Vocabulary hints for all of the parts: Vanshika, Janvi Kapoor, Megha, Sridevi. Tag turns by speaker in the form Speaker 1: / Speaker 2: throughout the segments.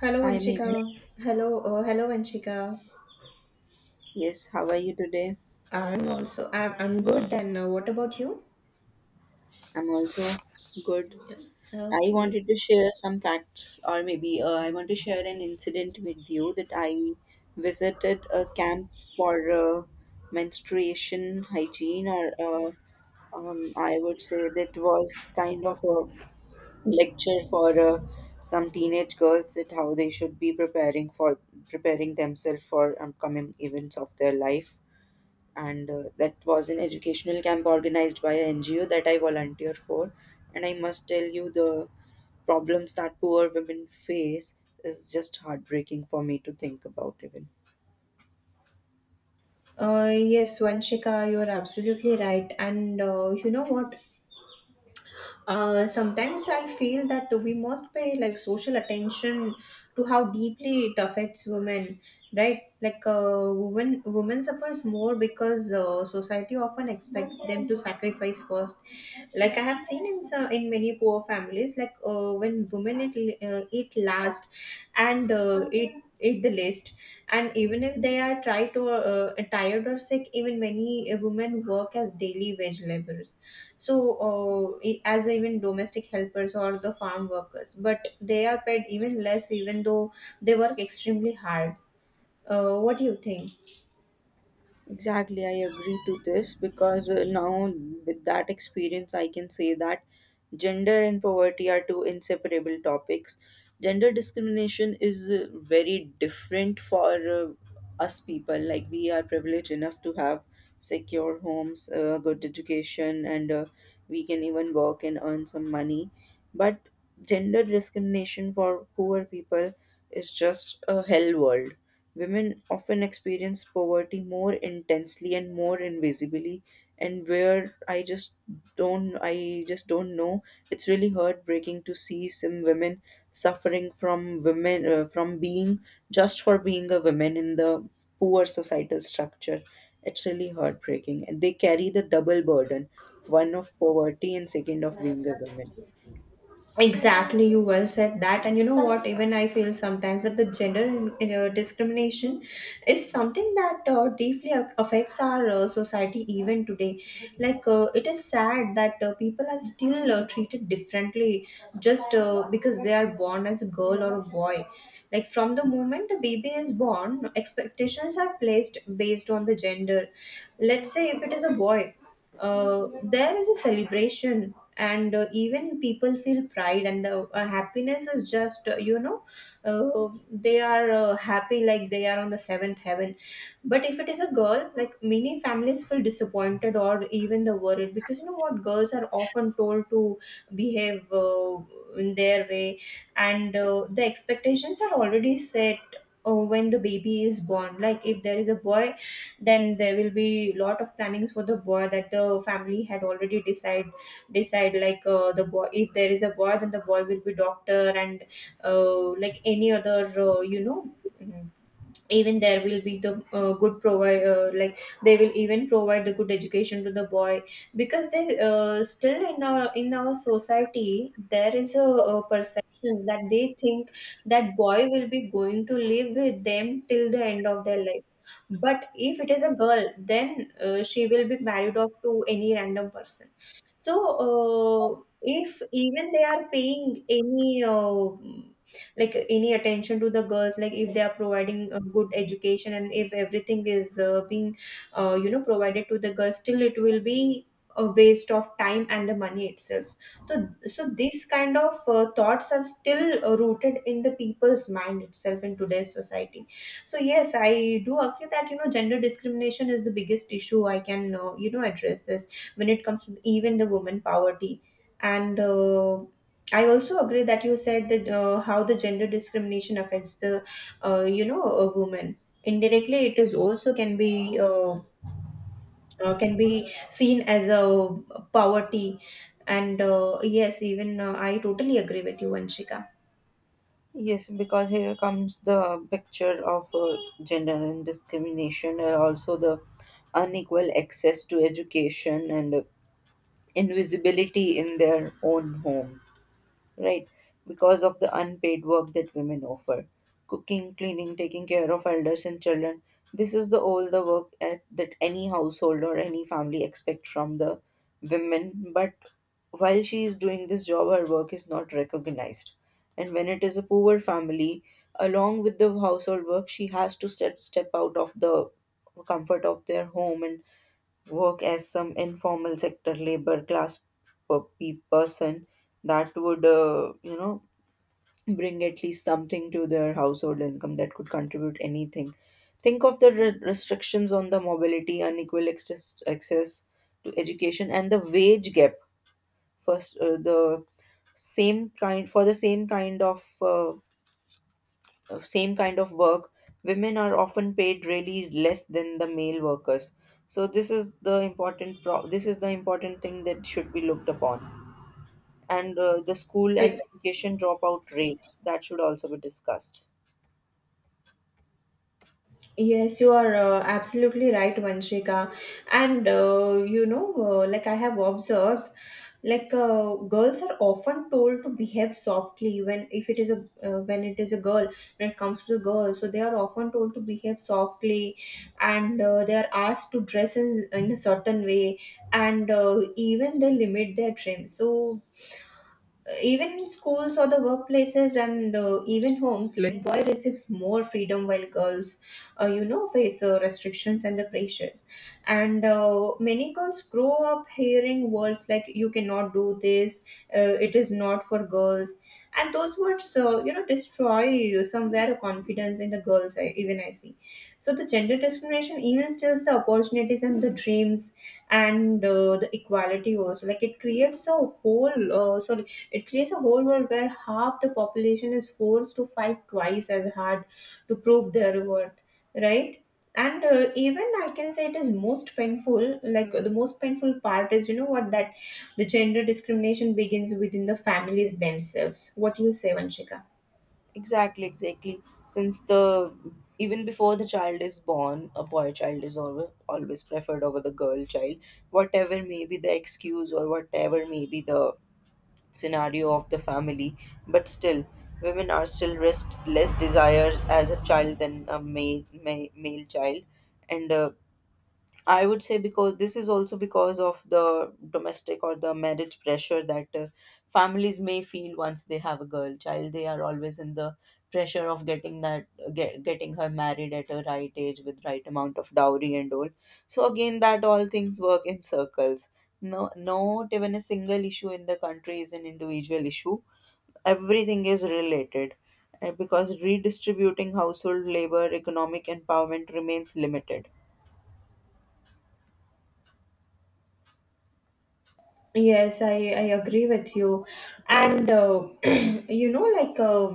Speaker 1: Hello,
Speaker 2: Hi,
Speaker 1: Vanshika.
Speaker 2: Megha.
Speaker 1: Hello, Vanshika.
Speaker 2: Yes, how are you today?
Speaker 1: I'm also I'm good. And what about you?
Speaker 2: I'm also good. I
Speaker 1: Okay.
Speaker 2: wanted to share some facts, or maybe I want to share an incident with you that I visited a camp for menstruation hygiene, or I would say that was kind of a lecture for some teenage girls that how they should be preparing themselves for upcoming events of their life, and that was an educational camp organized by an NGO that I volunteered for. And I must tell you, the problems that poor women face is just heartbreaking for me to think about, even.
Speaker 1: Yes, Vanshika, you're absolutely right. And you know what? Sometimes I feel that we must pay like social attention to how deeply it affects women, right? Like women suffers more because society often expects them to sacrifice first. Like I have seen in some in many poor families, like when women eat, eat last, and eat the least, and even if they are tried to tired or sick. Even many women work as daily wage laborers, so as even domestic helpers or the farm workers, but they are paid even less, even though they work extremely hard. What do you think?
Speaker 2: Exactly, I agree to this because now, with that experience, I can say that gender and poverty are two inseparable topics. Gender discrimination is very different for us people. Like, we are privileged enough to have secure homes, good education, and we can even work and earn some money. But gender discrimination for poor people is just a hell world. Women often experience poverty more intensely and more invisibly, and where I just don't know. It's really heartbreaking to see some women suffering from women from being just for being a woman in the poor societal structure. It's really heartbreaking, and they carry the double burden: one of poverty and second of being a woman.
Speaker 1: Exactly, you well said that, and you know what? Even I feel sometimes that the gender discrimination is something that deeply affects our society even today. Like, it is sad that people are still treated differently, just because they are born as a girl or a boy. Like, from the moment a baby is born, expectations are placed based on the gender. Let's say if it is a boy, there is a celebration, and even people feel pride, and the happiness is just, they are happy, like they are on the seventh heaven. But if it is a girl, like many families feel disappointed or even the worried, because you know what, girls are often told to behave in their way. And the expectations are already set when the baby is born. Like, if there is a boy then there will be lot of plannings for the boy that the family had already decide, like the boy, if there is a boy then the boy will be doctor, and like any other, mm, even there will be the good provide like, they will even provide the good education to the boy, because they still, in our society there is a perception that they think that boy will be going to live with them till the end of their life. But if it is a girl, then she will be married off to any random person. So if even they are paying any like any attention to the girls, like if they are providing a good education and if everything is being provided to the girls, still it will be a waste of time and the money itself. So so these kind of thoughts are still rooted in the people's mind itself in today's society. So yes, I do agree that, you know, gender discrimination is the biggest issue I can, address this, when it comes to even the women poverty. And I also agree that you said that how the gender discrimination affects the, a woman. Indirectly, it is also can be seen as a poverty. And yes, even I totally agree with you, Vanshika.
Speaker 2: Yes, because here comes the picture of gender and discrimination, and also the unequal access to education and invisibility in their own home, right? Because of the unpaid work that women offer: cooking, cleaning, taking care of elders and children. This is the all the work at, that any household or any family expect from the women. But while she is doing this job, her work is not recognized. And when it is a poor family, along with the household work, she has to step out of the comfort of their home and work as some informal sector labor class person that would bring at least something to their household income that could contribute anything. Think of the restrictions on the mobility, unequal access to education, and the wage gap. First, the same kind of work, women are often paid really less than the male workers. So this is the important pro- this is the important thing that should be looked upon. And the school
Speaker 1: Uh,
Speaker 2: and education dropout rates that should also be discussed.
Speaker 1: Yes, you are absolutely right, Vanshika. And you know, like I have observed, like girls are often told to behave softly when if it is a when it is a girl, when it comes to the girls. So they are often told to behave softly, and they are asked to dress in a certain way, and even they limit their trim. So, even in schools or the workplaces and even homes, like boy receives more freedom while girls face restrictions and the pressures. And many girls grow up hearing words like, you cannot do this, it is not for girls, and those words, destroy somewhere confidence in the girls. Even I see, so the gender discrimination even steals the opportunities and the dreams, and the equality also. Like, it creates a whole world where half the population is forced to fight twice as hard to prove their worth, right? And even I can say it is most painful, like the most painful part is, you know what, that the gender discrimination begins within the families themselves. What do you say, Vanshika?
Speaker 2: Exactly, exactly. Since the even before the child is born, a boy child is always preferred over the girl child. Whatever may be the excuse or whatever may be the scenario of the family, but still, women are still less desired as a child than a male child, and I would say because this is also because of the domestic or the marriage pressure that families may feel once they have a girl child. They are always in the pressure of getting getting her married at a right age with right amount of dowry and all. So again, that all things work in circles. No, not even a single issue in the country is an individual issue. Everything is related, because redistributing household labor, economic empowerment remains limited.
Speaker 1: Yes, I agree with you. And you know, like uh,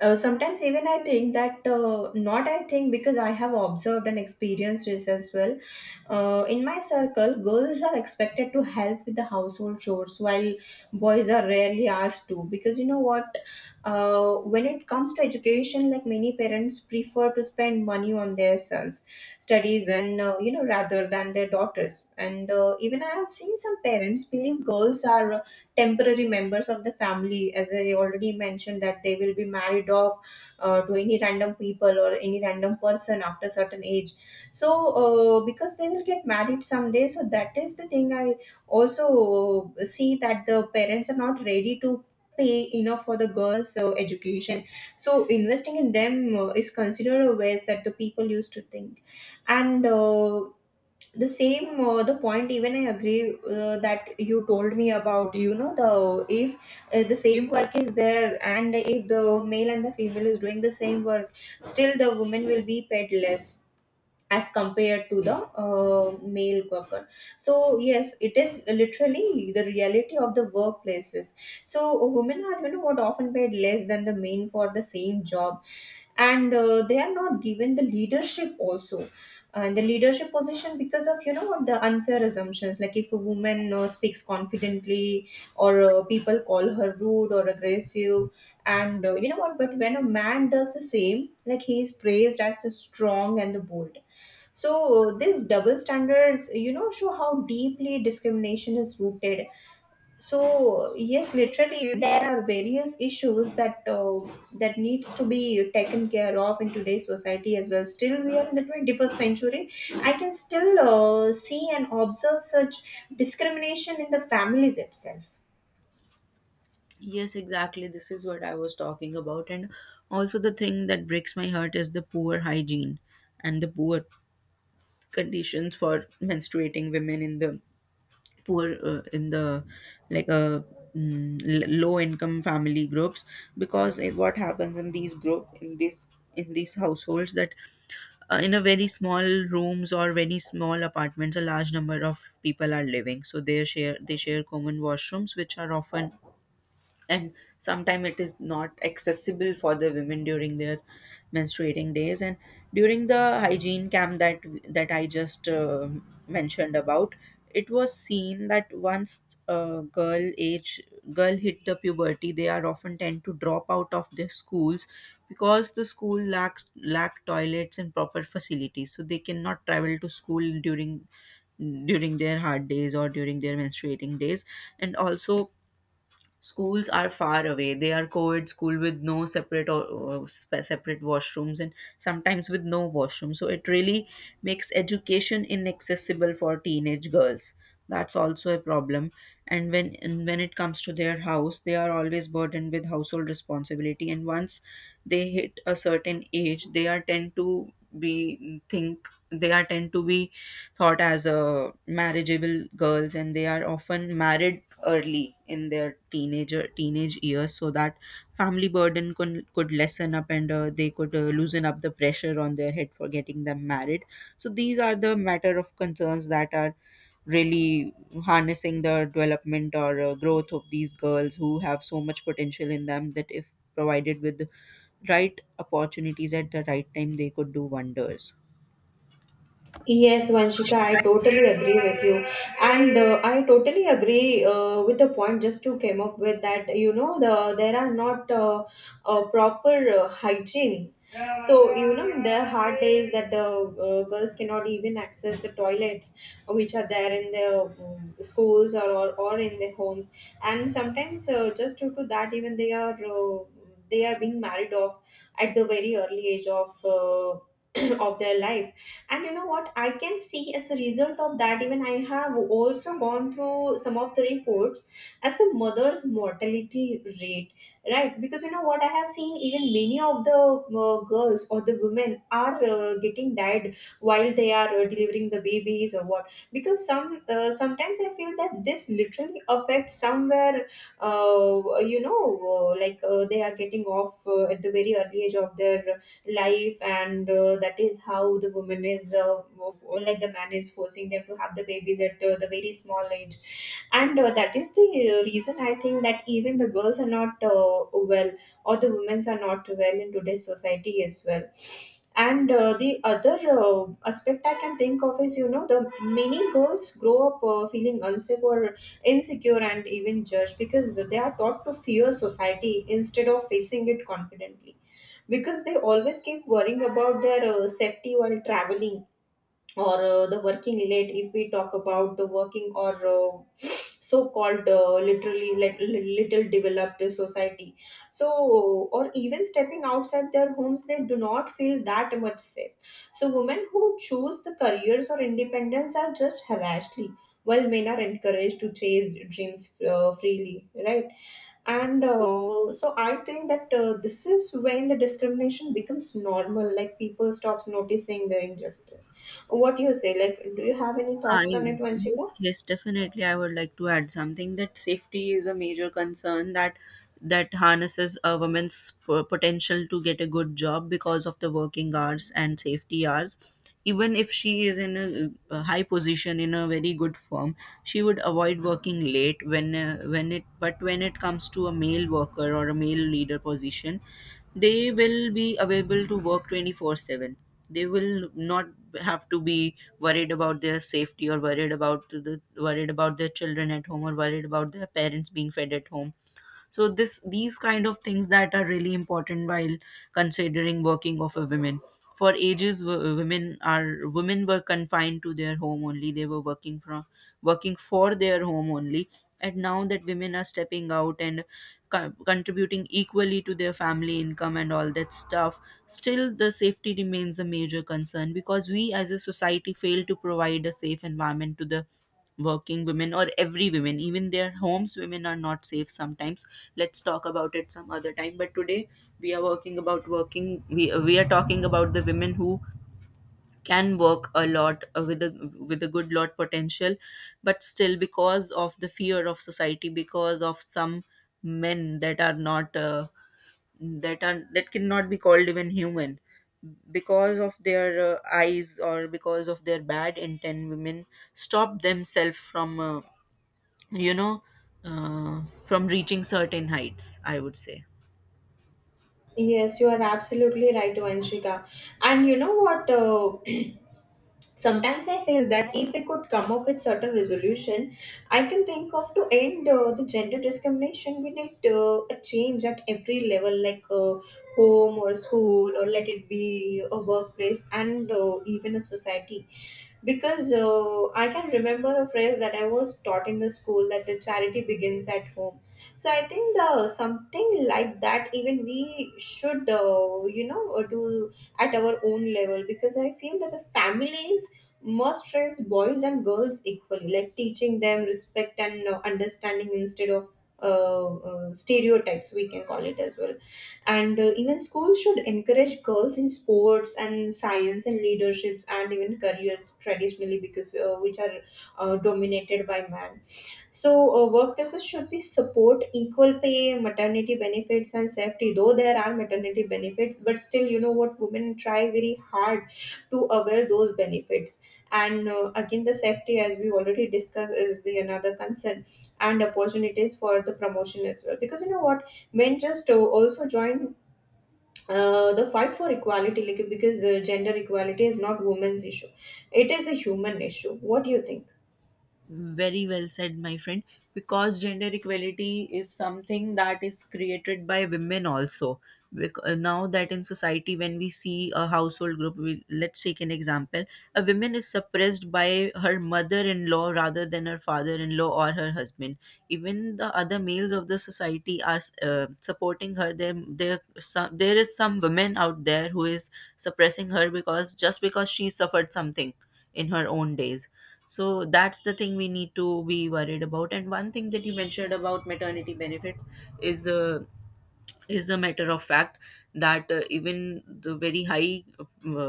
Speaker 1: uh, sometimes even I think that, not I think, because I have observed and experienced this as well. In my circle, girls are expected to help with the household chores while boys are rarely asked to, because you know what, when it comes to education, like many parents prefer to spend money on their sons studies and rather than their daughters. And even I have seen some parents believe girls are temporary members of the family, as I already mentioned, that they will be married off to any random people or any random person after certain age. So because they will get married someday, so that is the thing I also see, that the parents are not ready to pay enough for the girls education. So investing in them is considered a waste that the people used to think. And the same, the point even I agree, that you told me about, you know, the if the same work is there, and if the male and the female is doing the same work, still the woman will be paid less as compared to the male worker. So yes, it is literally the reality of the workplaces. So women are, you know what, often paid less than the men for the same job. And they are not given the leadership also, and the leadership position, because of, you know what, the unfair assumptions. Like, if a woman speaks confidently, or people call her rude or aggressive. And you know what, but when a man does the same, like, he is praised as the strong and the bold. So these double standards, you know, show how deeply discrimination is rooted. So yes, literally there are various issues that needs to be taken care of in today's society as well. Still, we are in the 21st century. I can still see and observe such discrimination in the families itself.
Speaker 2: Yes, exactly. This is what I was talking about. And also, the thing that breaks my heart is the poor hygiene and the poor conditions for menstruating women in the in the, like, low income family groups. Because what happens in these group in this in these households that in a very small rooms or very small apartments, a large number of people are living. So they share common washrooms, which are often, and sometimes it is not accessible for the women during their menstruating days. And during the hygiene camp that I just mentioned about, it was seen that once a girl hit the puberty, they are often tend to drop out of their schools because the school lack toilets and proper facilities, so they cannot travel to school during their hard days or during their menstruating days. And also, schools are far away. They are co-ed school with no separate or separate washrooms, and sometimes with no washroom. So it really makes education inaccessible for teenage girls. That's also a problem. And when it comes to their house, they are always burdened with household responsibility. And once they hit a certain age, they are tend to be thought as a marriageable girls, and they are often married early in their teenage years so that family burden could lessen up, and they could loosen up the pressure on their head for getting them married. So these are the matter of concerns that are really harnessing the development or growth of these girls who have so much potential in them that if provided with the right opportunities at the right time, they could do wonders.
Speaker 1: Yes, Vanshika, I totally agree with you. And I totally agree with the point just to came up with that. You know, there are not a proper hygiene. So you know, in the hard days that the girls cannot even access the toilets which are there in the schools, or in their homes, and sometimes just due to that, even they are being married off at the very early age of, of their life. And you know what, I can see as a result of that, even I have also gone through some of the reports as the mother's mortality rate, right? Because you know what, I have seen even many of the girls or the women are getting died while they are delivering the babies or what. Because sometimes I feel that this literally affects somewhere, uh, you know like they are getting off at the very early age of their life. And that is how the woman is, or like, the man is forcing them to have the babies at the very small age. And that is the reason I think that even the girls are not well, or the women are not well in today's society as well. And the other uh, aspect I can think of is, you know, the many girls grow up feeling unsafe or insecure and even judged, because they are taught to fear society instead of facing it confidently, because they always keep worrying about their safety while traveling, or the working late, if we talk about the working, or so-called literally, like little developed society, so, or even stepping outside their homes, they do not feel that much safe. So women who choose the careers or independence are just harassedly, while men are encouraged to chase dreams freely, right? And so I think that this is when the discrimination becomes normal, like people stops noticing the injustice. What do you say, like do you have any
Speaker 2: I
Speaker 1: thoughts on it, Vanshika?
Speaker 2: Yes, yes, definitely. I would like to add something that safety is a major concern that harnesses a woman's potential to get a good job because of the working hours and safety hours. Even if she is in a high position in a very good firm, she would avoid working late when it. But when it comes to a male worker or a male leader position, they will be available to work 24/7. They will not have to be worried about their safety or worried about their children at home or worried about their parents being fed at home. So this these kind of things that are really important while considering working of a women. For ages, women were confined to their home only. They were working for their home only, and now that women are stepping out and contributing equally to their family income and all that stuff, still the safety remains a major concern because we as a society fail to provide a safe environment to the working women, or every women. Even their homes, women are not safe sometimes. Let's talk about it some other time, but today we are talking about the women who can work a lot with a good lot potential. But still, because of the fear of society, because of some men that are not that are that cannot be called even human, because of their eyes or because of their bad intent, women stop themselves from you know from reaching certain heights, I would say.
Speaker 1: Yes, you are absolutely right, Vanshika. And you know what? Sometimes I feel that if we could come up with certain resolution I can think of to end the gender discrimination. We need a change at every level, like home or school or let it be a workplace, and even a society. Because I can remember a phrase that I was taught in the school that the charity begins at home. So I think the something like that, even we should do at our own level, because I feel that the families must train boys and girls equally, like teaching them respect and understanding instead of stereotypes, we can call it as well. And even schools should encourage girls in sports and science and leaderships and even careers traditionally because which are dominated by man. So, workplaces should be support equal pay, maternity benefits, and safety. Though there are maternity benefits, but still, you know what, women try very hard to avail those benefits. And again, the safety, as we already discussed, is the another concern, and opportunities for the promotion as well. Because you know what, men just also join the fight for equality, like, because gender equality is not women's issue; it is a human issue. What do you think?
Speaker 2: Very well said, my friend. Because gender equality is something that is created by women also. Now that, in society, when we see a household group, we, let's take an example. A woman is suppressed by her mother-in-law rather than her father-in-law or her husband. Even the other males of the society are supporting her. There is some women out there who is suppressing her because just because she suffered something in her own days. So that's the thing we need to be worried about. And one thing that you mentioned about maternity benefits is uh, is a matter of fact that even the very high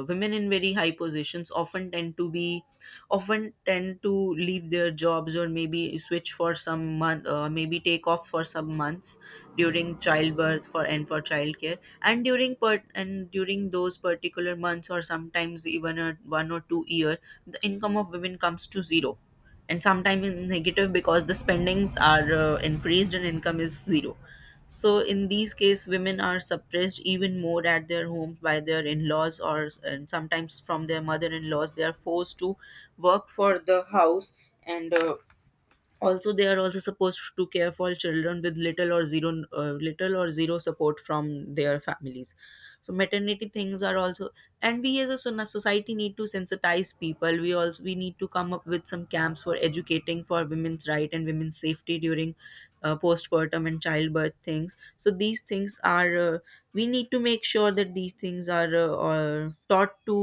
Speaker 2: women in very high positions often tend to leave their jobs, or maybe switch for some month, maybe take off for some months during childbirth for childcare, and during per and during those particular months, or sometimes even a 1 or 2 year, the income of women comes to zero, and sometimes in negative because the spendings are increased and income is zero. So in these cases, women are suppressed even more at their home by their in-laws, or and sometimes from their mother-in-laws. They are forced to work for the house, and also they are also supposed to care for children with little or zero support from their families. So maternity things are also, and we as a society need to sensitize people. We also we need to come up with some camps for educating for women's right and women's safety during postpartum and childbirth things. So these things are we need to make sure that these things are taught to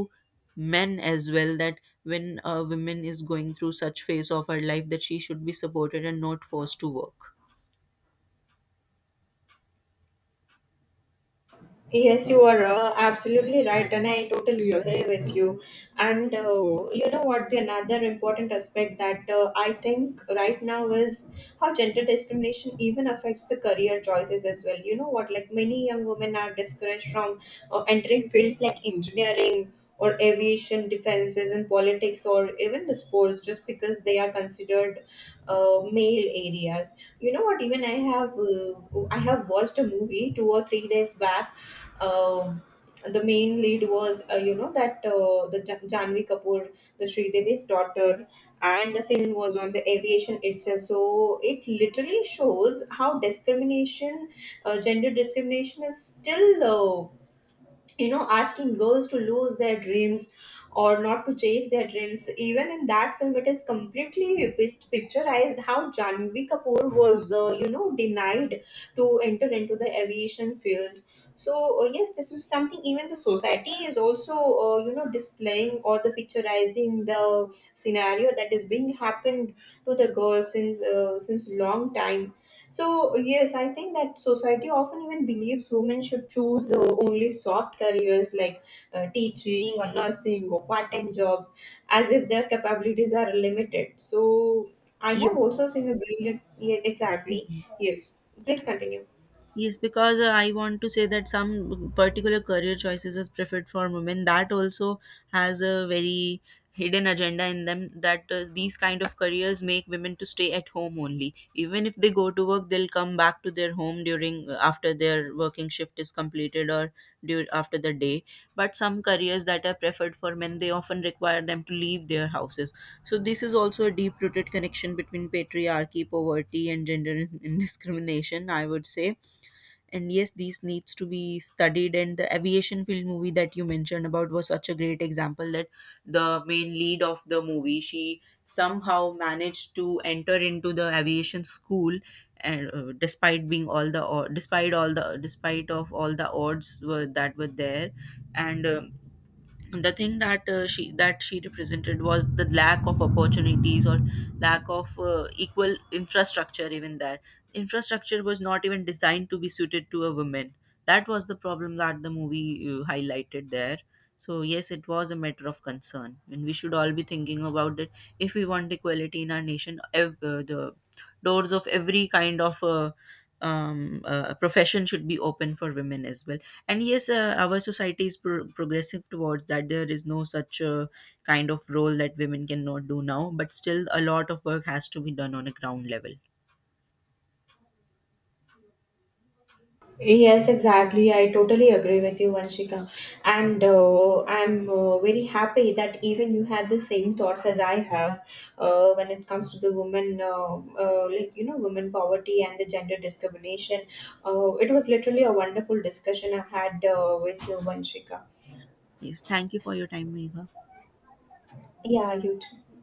Speaker 2: men as well, that when a woman is going through such phase of her life, that she should be supported and not forced to work.
Speaker 1: Yes, you are absolutely right, and I totally agree with you. And you know what? The another important aspect that I think right now is how gender discrimination even affects the career choices as well. You know what? Like, many young women are discouraged from entering fields like engineering or aviation, defenses, and politics, or even the sports, just because they are considered male areas. You know what? Even I have watched a movie 2 or 3 days back. uh, the main lead was, you know, that the Janvi Kapoor, the Sridevi's daughter, and the film was on the aviation itself. So it literally shows how discrimination, gender discrimination, is still, you know, asking girls to lose their dreams or not to chase their dreams. Even in that film it is completely picturized how Janvi Kapoor was, you know, denied to enter into the aviation field. So, yes, this is something even the society is also, you know, displaying or the picturizing the scenario that is being happened to the girls since long time. So, yes, I think that society often even believes women should choose only soft careers like teaching or nursing or part time jobs, as if their capabilities are limited. So, I have
Speaker 2: yes
Speaker 1: also seen a brilliant, yeah, exactly. Yes, please continue.
Speaker 2: Yes, because I want to say that some particular career choices is preferred for women. That also has a very hidden agenda in them that these kind of careers make women to stay at home only. Even if they go to work, they'll come back to their home during after their working shift is completed, or dur after the day. But some careers that are preferred for men, they often require them to leave their houses. So this is also a deep-rooted connection between patriarchy, poverty, and gender indiscrimination, I would say. And yes, these needs to be studied. And the aviation field movie that you mentioned about was such a great example that the main lead of the movie, she somehow managed to enter into the aviation school, and despite of all the odds were, that were there. And the thing that she that she represented was the lack of opportunities, or lack of equal infrastructure, even that infrastructure was not even designed to be suited to a woman. That was the problem that the movie highlighted there. So yes, it was a matter of concern, and we should all be thinking about it. If we want equality in our nation, the doors of every kind of a profession should be open for women as well. And yes, our society is progressive towards that. There is no such kind of role that women cannot do now, but still, a lot of work has to be done on a ground level.
Speaker 1: Yes, exactly. I totally agree with you, Vanshika. And I'm very happy that even you had the same thoughts as I have when it comes to the women, like, you know, women poverty and the gender discrimination. It was literally a wonderful discussion I had with you, Vanshika.
Speaker 2: Yes, thank you for your time, Megha.
Speaker 1: Yeah, you too.